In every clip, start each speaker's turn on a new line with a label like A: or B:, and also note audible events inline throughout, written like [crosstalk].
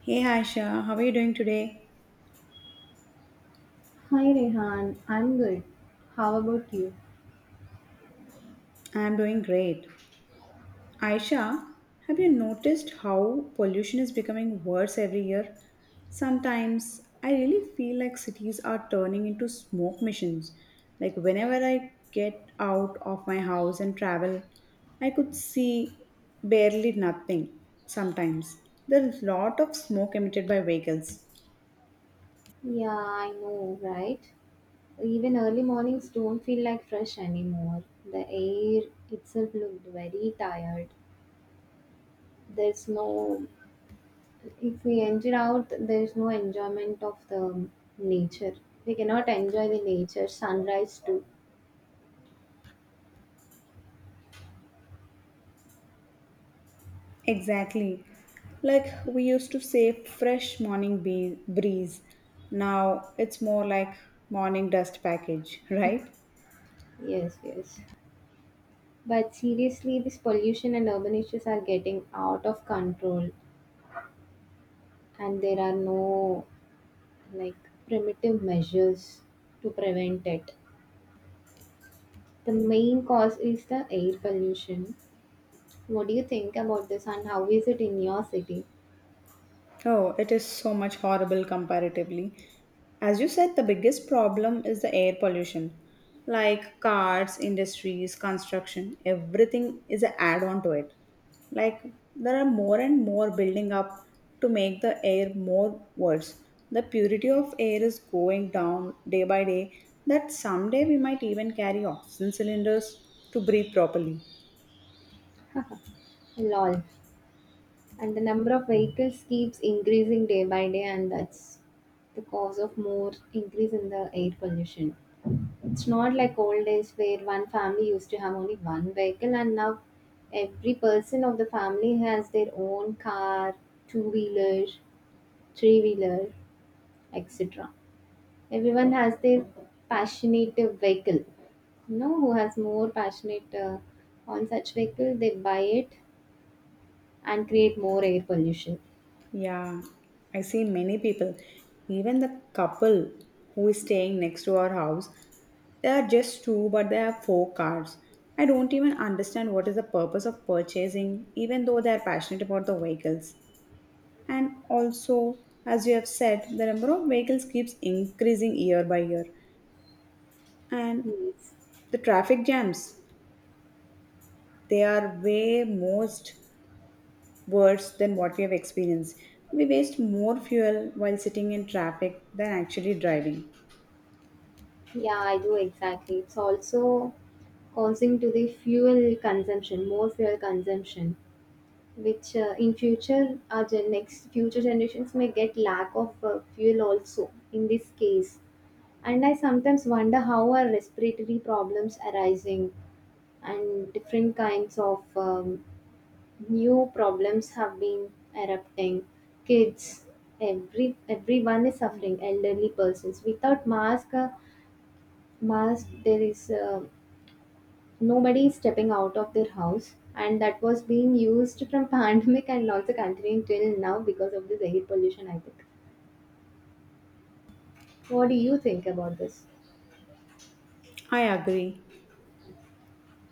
A: Hey Aisha, how are you doing today?
B: Hi Rehan, I'm good. How about you?
A: I'm doing great. Aisha, have you noticed how pollution is becoming worse every year? Sometimes I really feel like cities are turning into smoke missions. Like whenever I get out of my house and travel, I could see barely nothing sometimes. There's a lot of smoke emitted by vehicles.
B: Yeah, I know, right? Even early mornings don't feel like fresh anymore. The air itself looked very tired. There's no, If we enter out, there's no enjoyment of the nature. We cannot enjoy the nature, sunrise too.
A: Exactly. Like we used to say, fresh morning breeze. Now it's more like morning dust package, [laughs] right?
B: Yes, yes. But seriously, this pollution and urban issues are getting out of control, and there are no like primitive measures to prevent it. The main cause is the air pollution. What do you think about this and how is it in your city?
A: Oh, it is so much horrible comparatively. As you said, the biggest problem is the air pollution. Like cars, industries, construction, everything is an add on to it. Like there are more and more building up to make the air more worse. The purity of air is going down day by day, that someday we might even carry oxygen cylinders to breathe properly.
B: Lol. And the number of vehicles keeps increasing day by day, and that's the cause of more increase in the air pollution. It's not like old days where one family used to have only one vehicle, and now every person of the family has their own car, two wheeler, three wheeler, etc. Everyone has their passionate vehicle. You know, who has more passionate on such vehicle, they buy it and create more air pollution.
A: Yeah, I see many people, even the couple who is staying next to our house, they are just two, but they have four cars. I don't even understand what is the purpose of purchasing, even though they are passionate about the vehicles. And also, as you have said, the number of vehicles keeps increasing year by year, and
B: Yes.
A: the traffic jams they are way most worse than what we have experienced. We waste more fuel while sitting in traffic than actually driving.
B: Yeah, I do exactly. It's also causing to the fuel consumption, more fuel consumption, which in future our next future generations may get lack of fuel also in this case. And I sometimes wonder how our respiratory problems arising and different kinds of new problems have been erupting kids, everyone is suffering, elderly persons without mask mask, there is nobody is stepping out of their house, and that was being used from [laughs] pandemic and also continuing till now because of this air pollution, I think. What do you think about this?
A: I agree.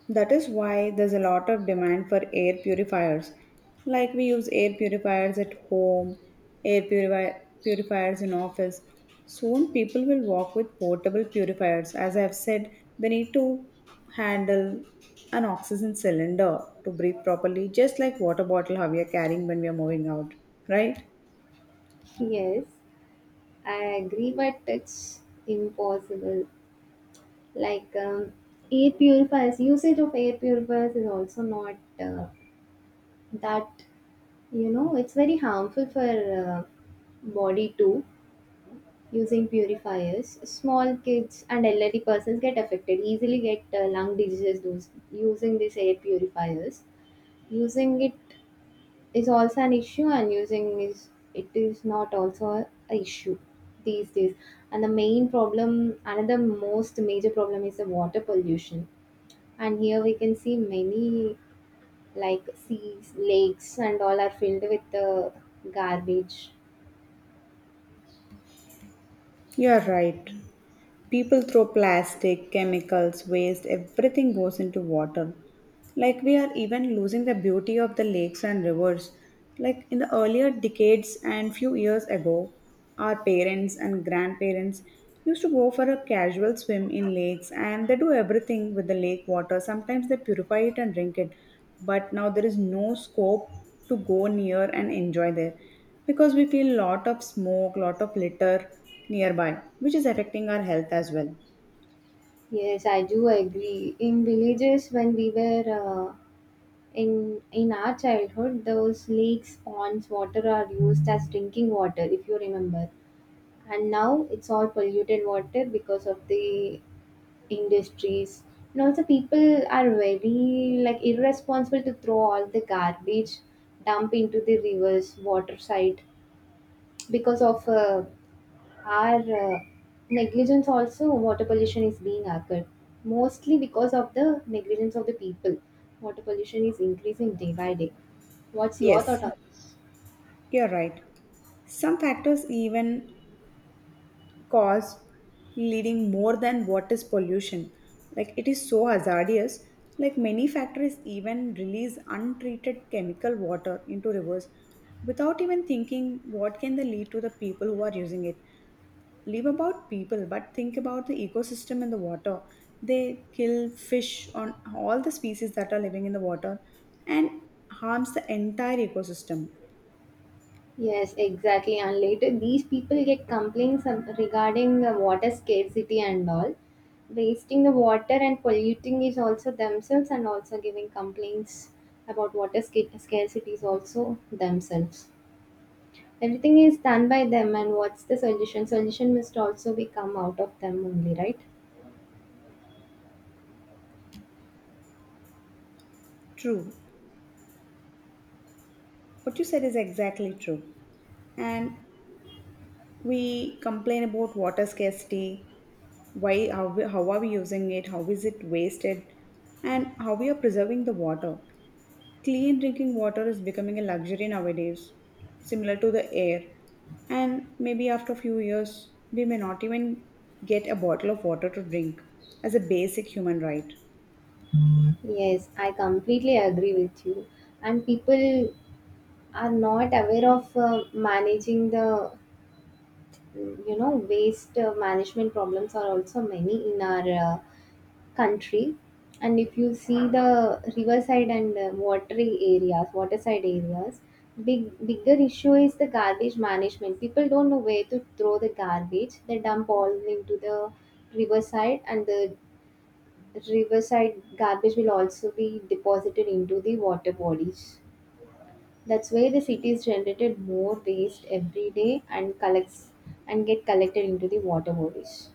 A: That is why there's a lot of demand for air purifiers. Like we use air purifiers at home, air purifi- purifiers in office. Soon people will walk with portable purifiers. As I've said, they need to handle an oxygen cylinder to breathe properly, just like water bottle how we are carrying when we are moving out, right?
B: Yes, I agree, but it's impossible, like air purifiers, usage of air purifiers is also not that, you know, it's very harmful for body too. Using purifiers, small kids and elderly persons get affected easily, get lung diseases, those using these air purifiers. Using it is also an issue, and using is, it is not also a issue these days. And the main problem, another most major problem is the water pollution, and here we can see many, like seas, lakes, and all are filled with garbage.
A: You're right. People throw plastic, chemicals, waste, everything goes into water. Like we are even losing the beauty of the lakes and rivers. Like in the earlier decades and few years ago, our parents and grandparents used to go for a casual swim in lakes and they do everything with the lake water. Sometimes they purify it and drink it. But now there is no scope to go near and enjoy there because we feel lot of smoke, lot of litter nearby, which is affecting our health as well.
B: Yes, I do agree. In villages, when we were in our childhood, those lakes, ponds water are used as drinking water, if you remember. And now it's all polluted water because of the industries, and also people are very like irresponsible to throw all the garbage, dump into the rivers, water side. Because of our negligence also, water pollution is being occurred, mostly because of the negligence of the people. Water pollution is increasing day by day. What's your
A: Yes,
B: thought on?
A: you're right. Some factors even cost leading more than what is pollution, like it is so hazardous. Like many factories even release untreated chemical water into rivers without even thinking what can they lead to the people who are using it. Leave about people, but think about the ecosystem in the water. They kill fish on all the species that are living in the water and harms the entire ecosystem.
B: Yes, exactly. And later, these people get complaints regarding the water scarcity and all. Wasting the water and polluting is also themselves, and also giving complaints about water scarcity is also themselves. Everything is done by them, and what's the solution? Solution must also be come out of them only, right?
A: True, what you said is exactly true. And we complain about water scarcity, why, how, how are we using it, how is it wasted, and how we are preserving the water. Clean drinking water is becoming a luxury nowadays, similar to the air, and maybe after a few years we may not even get a bottle of water to drink as a basic human right.
B: Yes, I completely agree with you. And people are not aware of managing the waste management problems are also many in our country. And if you see the riverside and watery areas, waterside areas, bigger issue is the garbage management. People don't know where to throw the garbage, they dump all into the riverside, and the riverside garbage will also be deposited into the water bodies. That's why the city is generated more waste every day and collects and get collected into the water bodies.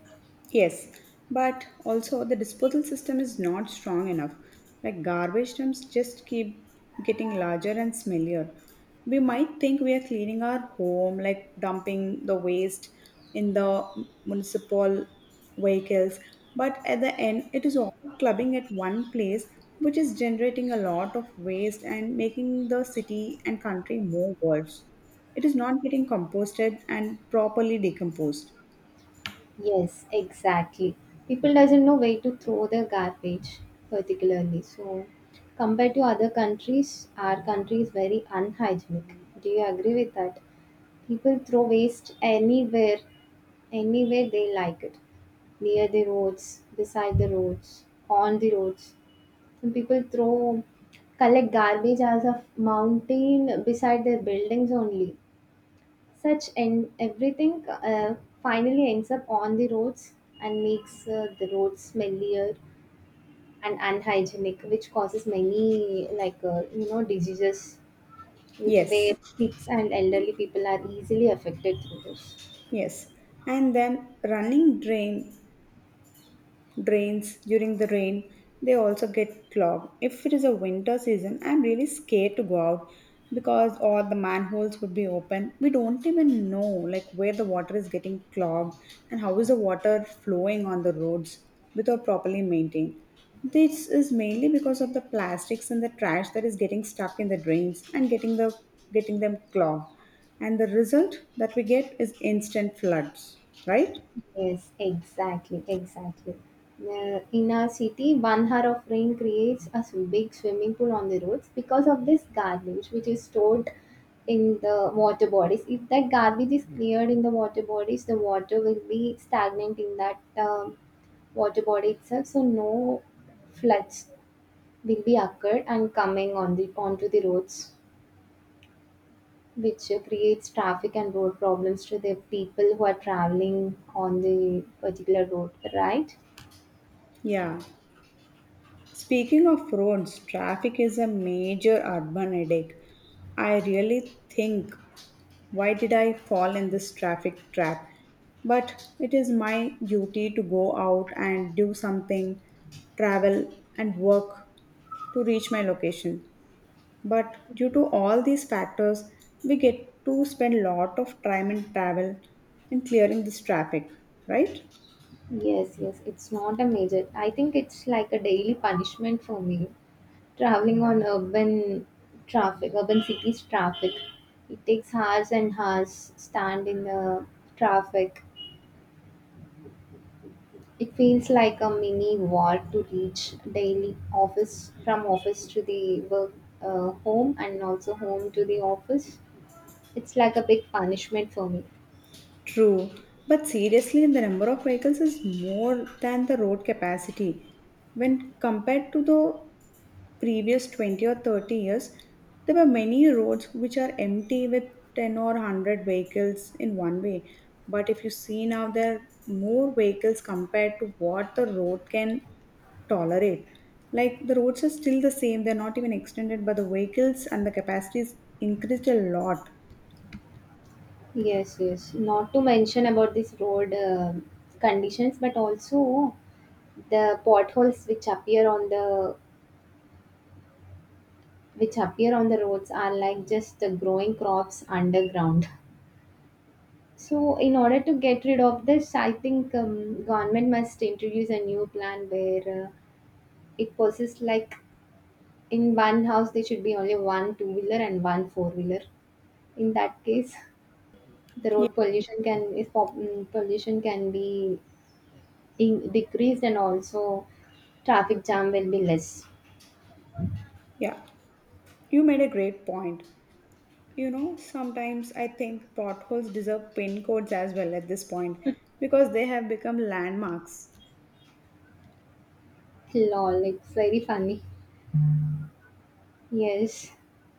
A: Yes, but also the disposal system is not strong enough. Like garbage dumps just keep getting larger and smellier. We might think we are cleaning our home, like dumping the waste in the municipal vehicles, but at the end, it is all clubbing at one place, which is generating a lot of waste and making the city and country more worse. It is not getting composted and properly decomposed.
B: Yes, exactly. People doesn't know where to throw their garbage particularly. So compared to other countries, our country is very unhygienic. Do you agree with that? People throw waste anywhere, anywhere they like it. Near the roads, beside the roads, on the roads. Some people throw, collect garbage as a mountain beside their buildings only. Such and everything finally ends up on the roads and makes the roads smellier and unhygienic, which causes many, like you know, diseases
A: Yes.
B: where kids and elderly people are easily affected through this.
A: Yes, and then running drain drains during the rain, they also get clogged. If it is a winter season, I'm really scared to go out because all the manholes would be open. We don't even know like where the water is getting clogged and how is the water flowing on the roads without properly maintained. This is mainly because of the plastics and the trash that is getting stuck in the drains and getting them clogged, and the result that we get is instant floods, right?
B: Yes, exactly, exactly. In our city, 1 hour of rain creates a big swimming pool on the roads because of this garbage which is stored in the water bodies. If that garbage is cleared in the water bodies, the water will be stagnant in that water body itself, so no floods will be occurred and coming on the onto the roads, which creates traffic and road problems to the people who are traveling on the particular road, right?
A: Yeah. Speaking of roads, traffic is a major urban headache. I really think, why did I fall in this traffic trap? But it is my duty to go out and do something, travel and work to reach my location. But due to all these factors, we get to spend lot of time in travel in clearing this traffic, right?
B: Yes, yes, it's not a major. I think it's like a daily punishment for me. Traveling on urban traffic, urban cities traffic, it takes hours and hours stand in the traffic. It feels like a mini war to reach daily office from office to the work, home, and also home to the office. It's like a big punishment for me.
A: True, but seriously, the number of vehicles is more than the road capacity. When compared to the previous 20 or 30 years, there were many roads which are empty with 10 or 100 vehicles in one way. But if you see now, there are more vehicles compared to what the road can tolerate. Like the roads are still the same, they're not even extended, but the vehicles and the capacity is increased a lot.
B: Yes, yes. Not to mention about this road conditions, but also the potholes which appear on the roads are like just the growing crops underground. [laughs] So, in order to get rid of this, I think government must introduce a new plan where it possesses like in one house there should be only one two wheeler and one four wheeler. In that case, the
A: Yeah,
B: road pollution can is pop- mm, pollution can be decreased, and also traffic jam will be less.
A: Yeah, you made a great point. You know, sometimes I think potholes deserve pin codes as well at this point because they have become landmarks.
B: Lol, it's very funny. Yes,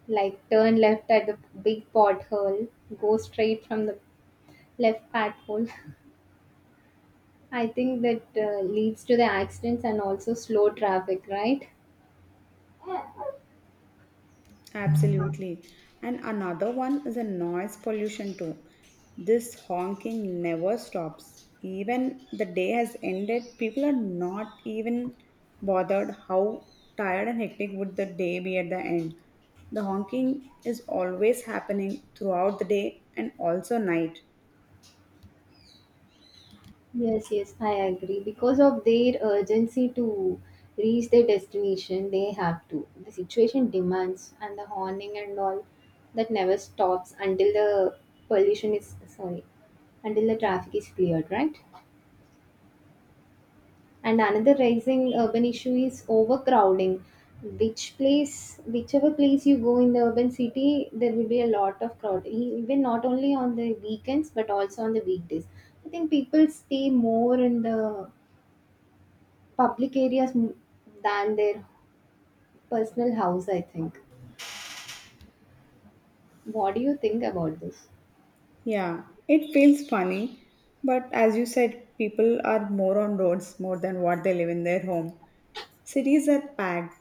B: like turn left at the big pothole, go straight from the left pothole. [laughs] I think that leads to the accidents and also slow traffic, right?
A: Absolutely. And another one is a noise pollution too. This honking never stops. Even the day has ended, people are not even bothered how tired and hectic would the day be at the end. The honking is always happening throughout the day and also night.
B: Yes, yes, I agree. Because of their urgency to reach their destination, they have to. The situation demands, and the horning and all that never stops pollution is sorry, until the traffic is cleared, right? And another rising urban issue is overcrowding. Whichever place you go in the urban city, there will be a lot of crowd. Even not only on the weekends, but also on the weekdays. I think people stay more in the public areas than their personal house, I think. What do you think about this?
A: Yeah, it feels funny, but as you said, people are more on roads more than what they live in their home. Cities are packed.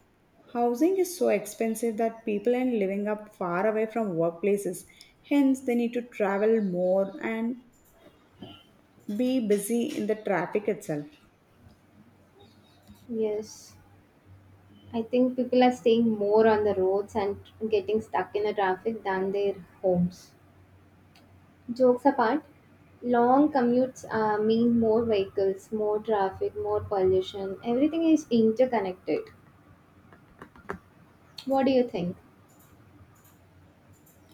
A: Housing is so expensive that people are living up far away from workplaces. Hence, they need to travel more and be busy in the traffic itself.
B: Yes, I think people are staying more on the roads and getting stuck in the traffic than their homes. Jokes apart, long commutes mean more vehicles, more traffic, more pollution. Everything is interconnected. What do you think?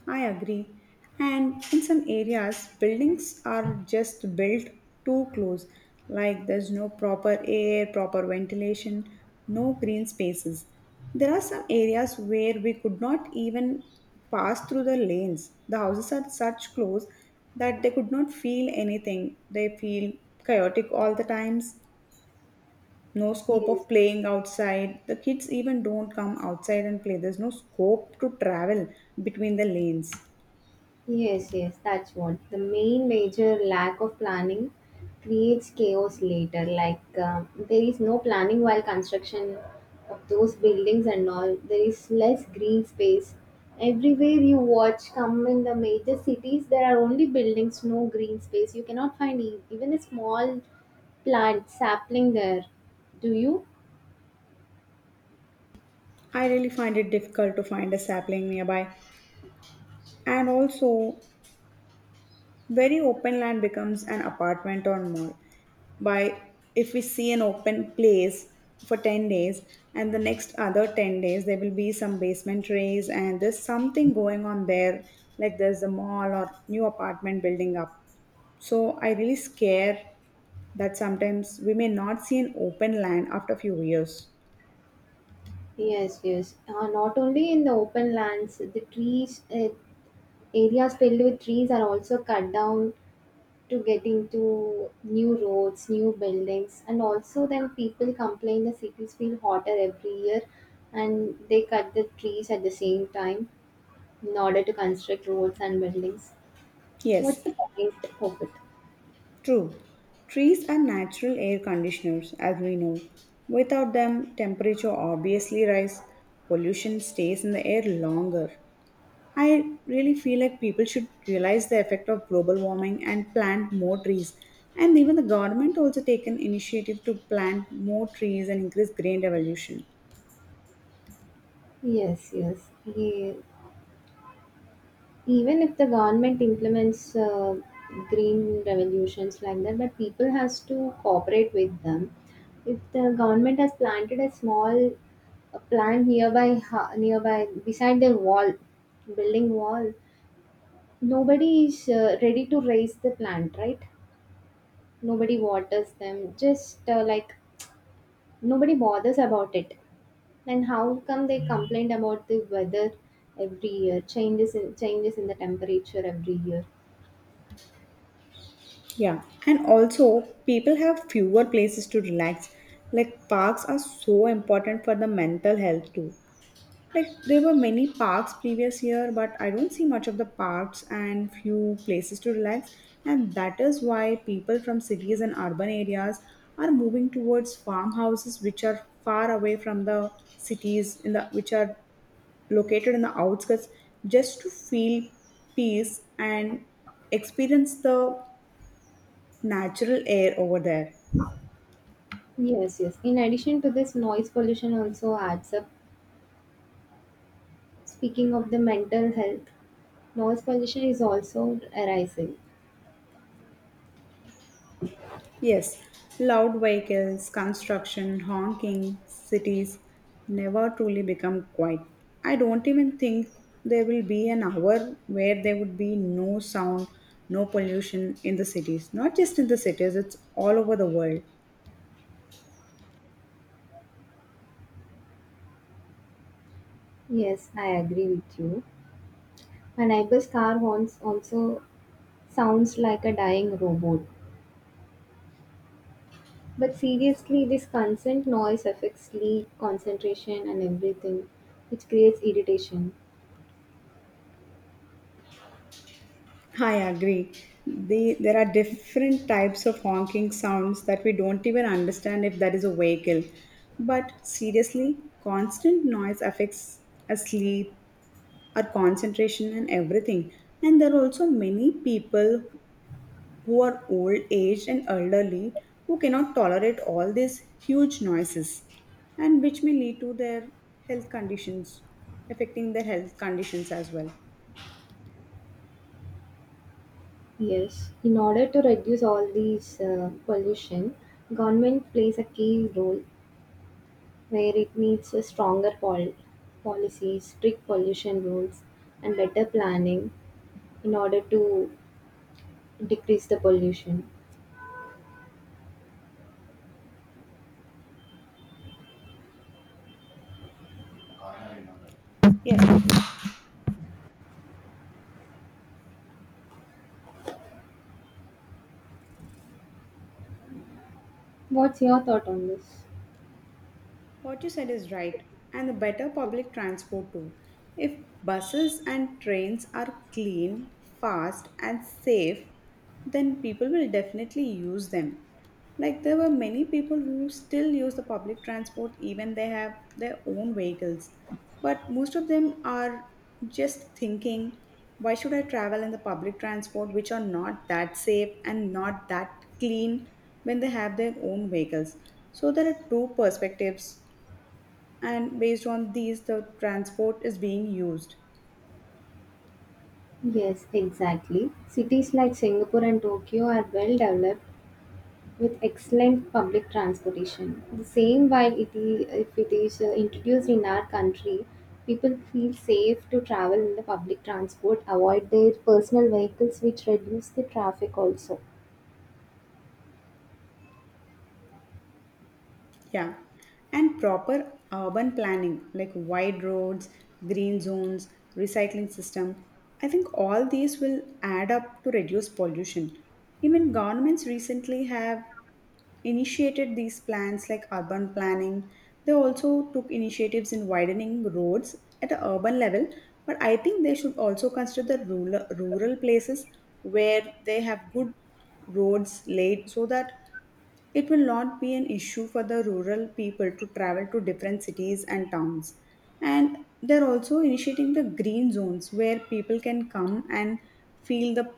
A: I agree. And in some areas, buildings are just built too close. Like there's no proper air, proper ventilation, no green spaces. There are some areas where we could not even pass through the lanes. The houses are such close that they could not feel anything. They feel chaotic all the times. No scope
B: Yes.
A: of playing outside. The kids even don't come outside and play. There's no scope to travel between the lanes.
B: Yes, yes, that's what. The main major lack of planning creates chaos later. Like, there is no planning while construction of those buildings and all. There is less green space. Everywhere you watch, come in the major cities, there are only buildings, no green space. You cannot find even a small plant sapling there. Do you?
A: I really find it difficult to find a sapling nearby. And also, very open land becomes an apartment or mall. By if we see an open place for 10 days, and the next other 10 days, there will be some basement raise, and there's something going on there, like there's a mall or new apartment building up. So, I really scare that sometimes we may not see an open land after a few years.
B: Yes, yes. Not only in the open lands, the trees, areas filled with trees are also cut down to getting to new roads, new buildings, and also then people complain the cities feel hotter every year, and they cut the trees at the same time in order to construct roads and buildings. What's
A: Yes,
B: the point of it?
A: true, trees are natural air conditioners, as we know. Without them, temperature obviously rise, pollution stays in the air longer. I really feel like people should realize the effect of global warming and plant more trees. And even the government also take an initiative to plant more trees and increase green revolution.
B: Yes, yes. Yeah. Even if the government implements green revolutions like that, but people has to cooperate with them. If the government has planted a small plant nearby nearby, beside their wall, building wall, nobody is ready to raise the plant, right? Nobody waters them, just like nobody bothers about it. And how come they complained about the weather every year, changes in the temperature every year?
A: Yeah, and also people have fewer places to relax. Like parks are so important for the mental health too. Like there were many parks previous year, but I don't see much of the parks and few places to relax. And that is why people from cities and urban areas are moving towards farmhouses which are far away from the cities in the which are located in the outskirts just to feel peace and experience the natural air over there.
B: Yes, yes. In addition to this, noise pollution also adds up. Speaking of the mental health, noise pollution is also arising.
A: Yes, loud vehicles, construction, honking, cities never truly become quiet. I don't even think there will be an hour where there would be no sound, no pollution in the cities. Not just in the cities, it's all over the world.
B: Yes, I agree with you. My neighbor's car horns also sounds like a dying robot. But seriously, this constant noise affects sleep, concentration, and everything, which creates irritation.
A: I agree. There are different types of honking sounds that we don't even understand if that is a vehicle. But seriously, constant noise affects our sleep, our concentration and everything, and there are also many people who are old aged and elderly who cannot tolerate all these huge noises and which may lead to their health conditions, affecting their health conditions as well.
B: Yes. In order to reduce all these pollution, government plays a key role where it needs a stronger policies, strict pollution rules, and better planning in order to decrease the pollution.
A: Yes.
B: What's your thought on this?
A: What you said is right, and the better public transport too. If buses and trains are clean, fast, and safe, then people will definitely use them. Like there were many people who still use the public transport even they have their own vehicles. But most of them are just thinking, why should I travel in the public transport which are not that safe and not that clean when they have their own vehicles? So there are two perspectives, and based on these the transport is being used.
B: Yes, exactly. Cities like Singapore and Tokyo are well developed with excellent public transportation. The same while it is, if it is introduced in our country, people feel safe to travel in the public transport, avoid their personal vehicles, which reduce the traffic also.
A: Yeah, and proper urban planning like wide roads, green zones, recycling system, I think all these will add up to reduce pollution. Even governments recently have initiated these plans like urban planning. They also took initiatives in widening roads at an urban level, but I think they should also consider the rural places where they have good roads laid so that it will not be an issue for the rural people to travel to different cities and towns. And they're also initiating the green zones where people can come and feel the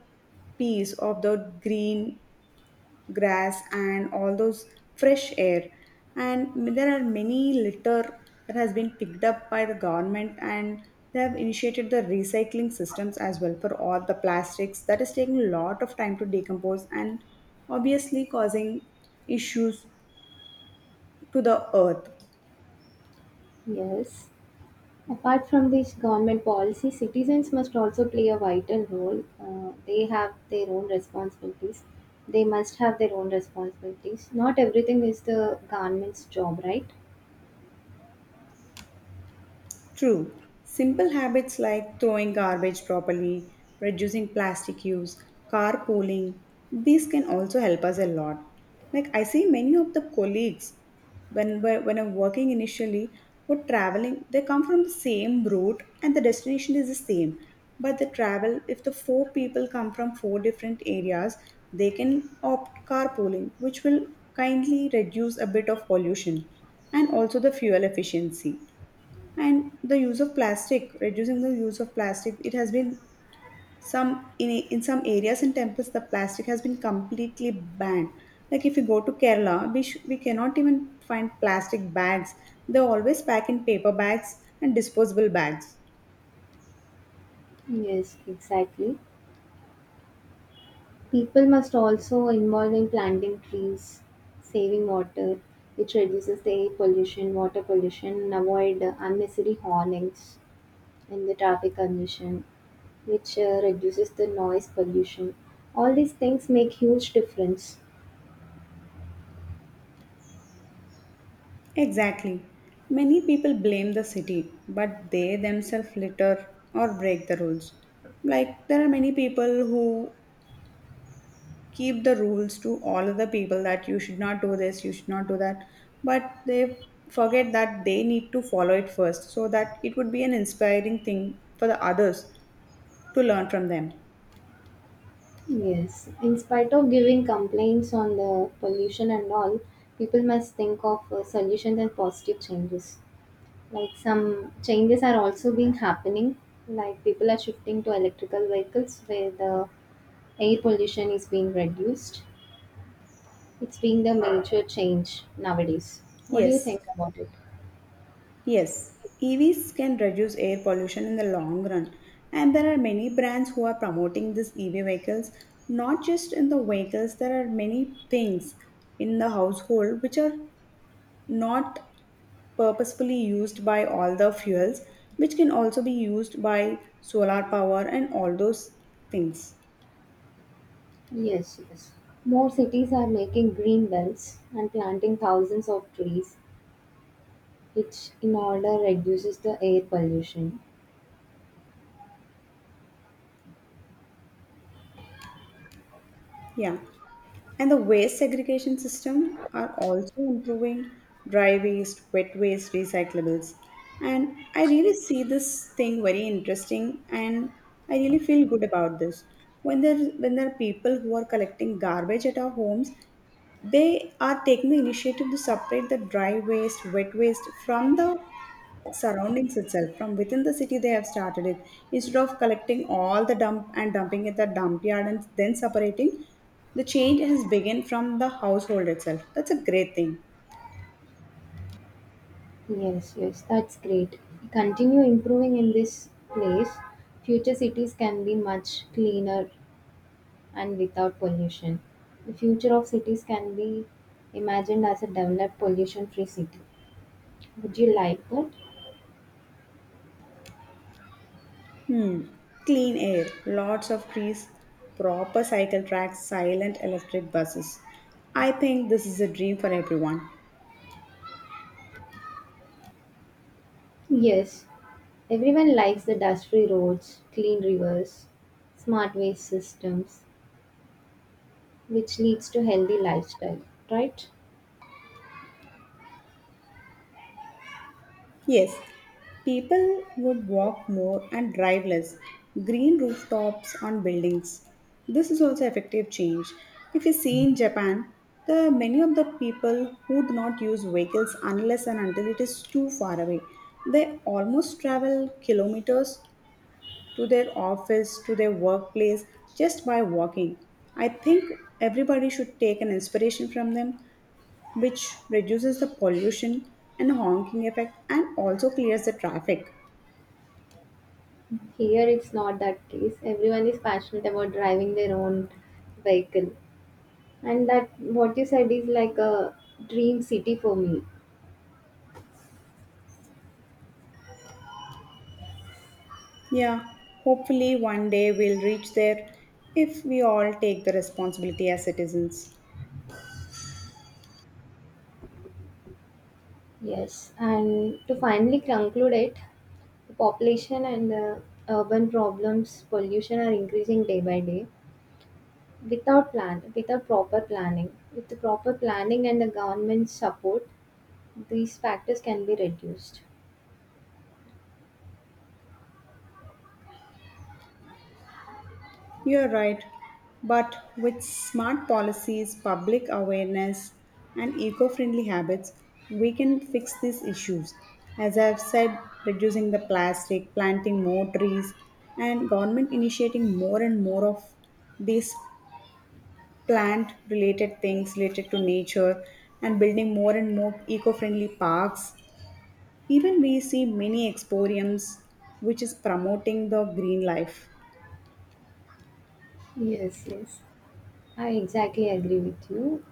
A: peace of the green grass and all those fresh air, and there are many litter that has been picked up by the government, and they have initiated the recycling systems as well for all the plastics that is taking a lot of time to decompose and obviously causing issues to the earth.
B: Yes. Apart from these government policies, citizens must also play a vital role. They have their own responsibilities. They must have their own responsibilities. Not everything is the government's job, right?
A: True, simple habits like throwing garbage properly, reducing plastic use, carpooling, these can also help us a lot. Like, I see many of the colleagues when I'm working initially or traveling, they come from the same route and the destination is the same. But the travel, if the four people come from four different areas, they can opt carpooling, which will kindly reduce a bit of pollution and also the fuel efficiency and the use of plastic, reducing the use of plastic. It has been some in some areas and temples the plastic has been completely banned. Like, if you go to Kerala, we cannot even find plastic bags. They always pack in paper bags and disposable bags.
B: Yes, exactly. People must also involve in planting trees, saving water, which reduces the air pollution, water pollution, and avoid unnecessary hornings in the traffic congestion, which reduces the noise pollution. All these things make huge difference.
A: Exactly. Many people blame the city, but they themselves litter or break the rules. Like, there are many people who keep the rules to all of the people that you should not do this, you should not do that. But they forget that they need to follow it first so that it would be an inspiring thing for the others to learn from them.
B: Yes, in spite of giving complaints on the pollution and all, people must think of solutions and positive changes. Like some changes are also being happening, like people are shifting to electrical vehicles where the air pollution is being reduced. It's being the major change nowadays. What do you
A: Yes,
B: think about it?
A: yes. EVs can reduce air pollution in the long run, and there are many brands who are promoting these EV vehicles. Not just in the vehicles, there are many things in the household which are not purposefully used by all the fuels, which can also be used by solar power and all those things.
B: Yes, yes. More cities are making green belts and planting thousands of trees, which in order reduces the air pollution.
A: Yeah. And the waste segregation system are also improving, dry waste, wet waste, recyclables. And I really see this thing very interesting and I really feel good about this. When there are people who are collecting garbage at our homes, they are taking the initiative to separate the dry waste, wet waste from the surroundings itself. From within the city they have started it, instead of collecting all the dump and dumping at the dump yard and then separating. The change has begun from the household itself. That's a great thing.
B: Yes, yes, that's great. Continue improving in this place. Future cities can be much cleaner and without pollution. The future of cities can be imagined as a developed pollution free city. Would you like that?
A: Hmm. Clean air, lots of trees, proper cycle tracks, silent electric buses. I think this is a dream for everyone.
B: Yes, everyone likes the dust free roads, clean rivers, smart waste systems, which leads to healthy lifestyle, right?
A: Yes, people would walk more and drive less. Green rooftops on buildings. This is also effective change. If you see in Japan, the many of the people who do not use vehicles unless and until it is too far away, they almost travel kilometers to their office, to their workplace, just by walking. I think everybody should take an inspiration from them, which reduces the pollution and honking effect and also clears the traffic.
B: Here it's not that case, everyone is passionate about driving their own vehicle, and that what you said is like a dream city for me.
A: Yeah, hopefully one day we'll reach there if we all take the responsibility as citizens.
B: Yes, and to finally conclude it, the population and the urban problems, pollution are increasing day by day without proper planning. With the proper planning and the government support, these factors can be reduced.
A: You're right, but with smart policies, public awareness, and eco friendly habits, we can fix these issues. As I've said, reducing the plastic, planting more trees, and government initiating more and more of these plant related things related to nature and building more and more eco-friendly parks. Even we see many exporiums which is promoting the green life.
B: Yes, yes, I exactly agree with you.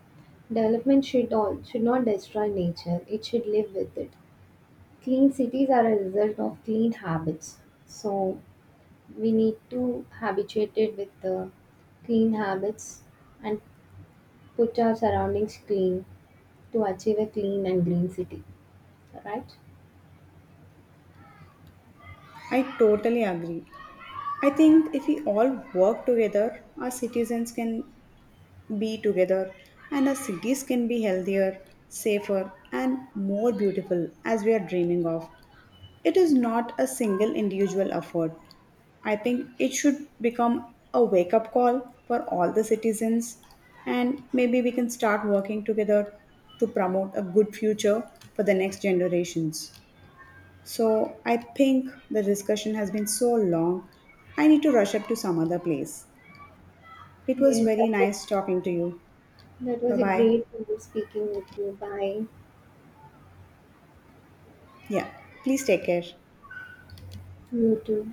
B: Development should not destroy nature. It should live with it. Clean cities are a result of clean habits. So we need to habituate it with the clean habits and put our surroundings clean to achieve a clean and green city. All right?
A: I totally agree. I think if we all work together, our citizens can be together and our cities can be healthier, safer, and more beautiful, as we are dreaming of. It is not a single individual effort. I think it should become a wake up call for all the citizens, and maybe we can start working together to promote a good future for the next generations. So, I think the discussion has been so long. I need to rush up to some other place. It was
B: Yes, that
A: very
B: was
A: nice talking to you.
B: that
A: Bye
B: was a
A: bye.
B: great speaking with you. Bye.
A: Yeah, please take care.
B: You too.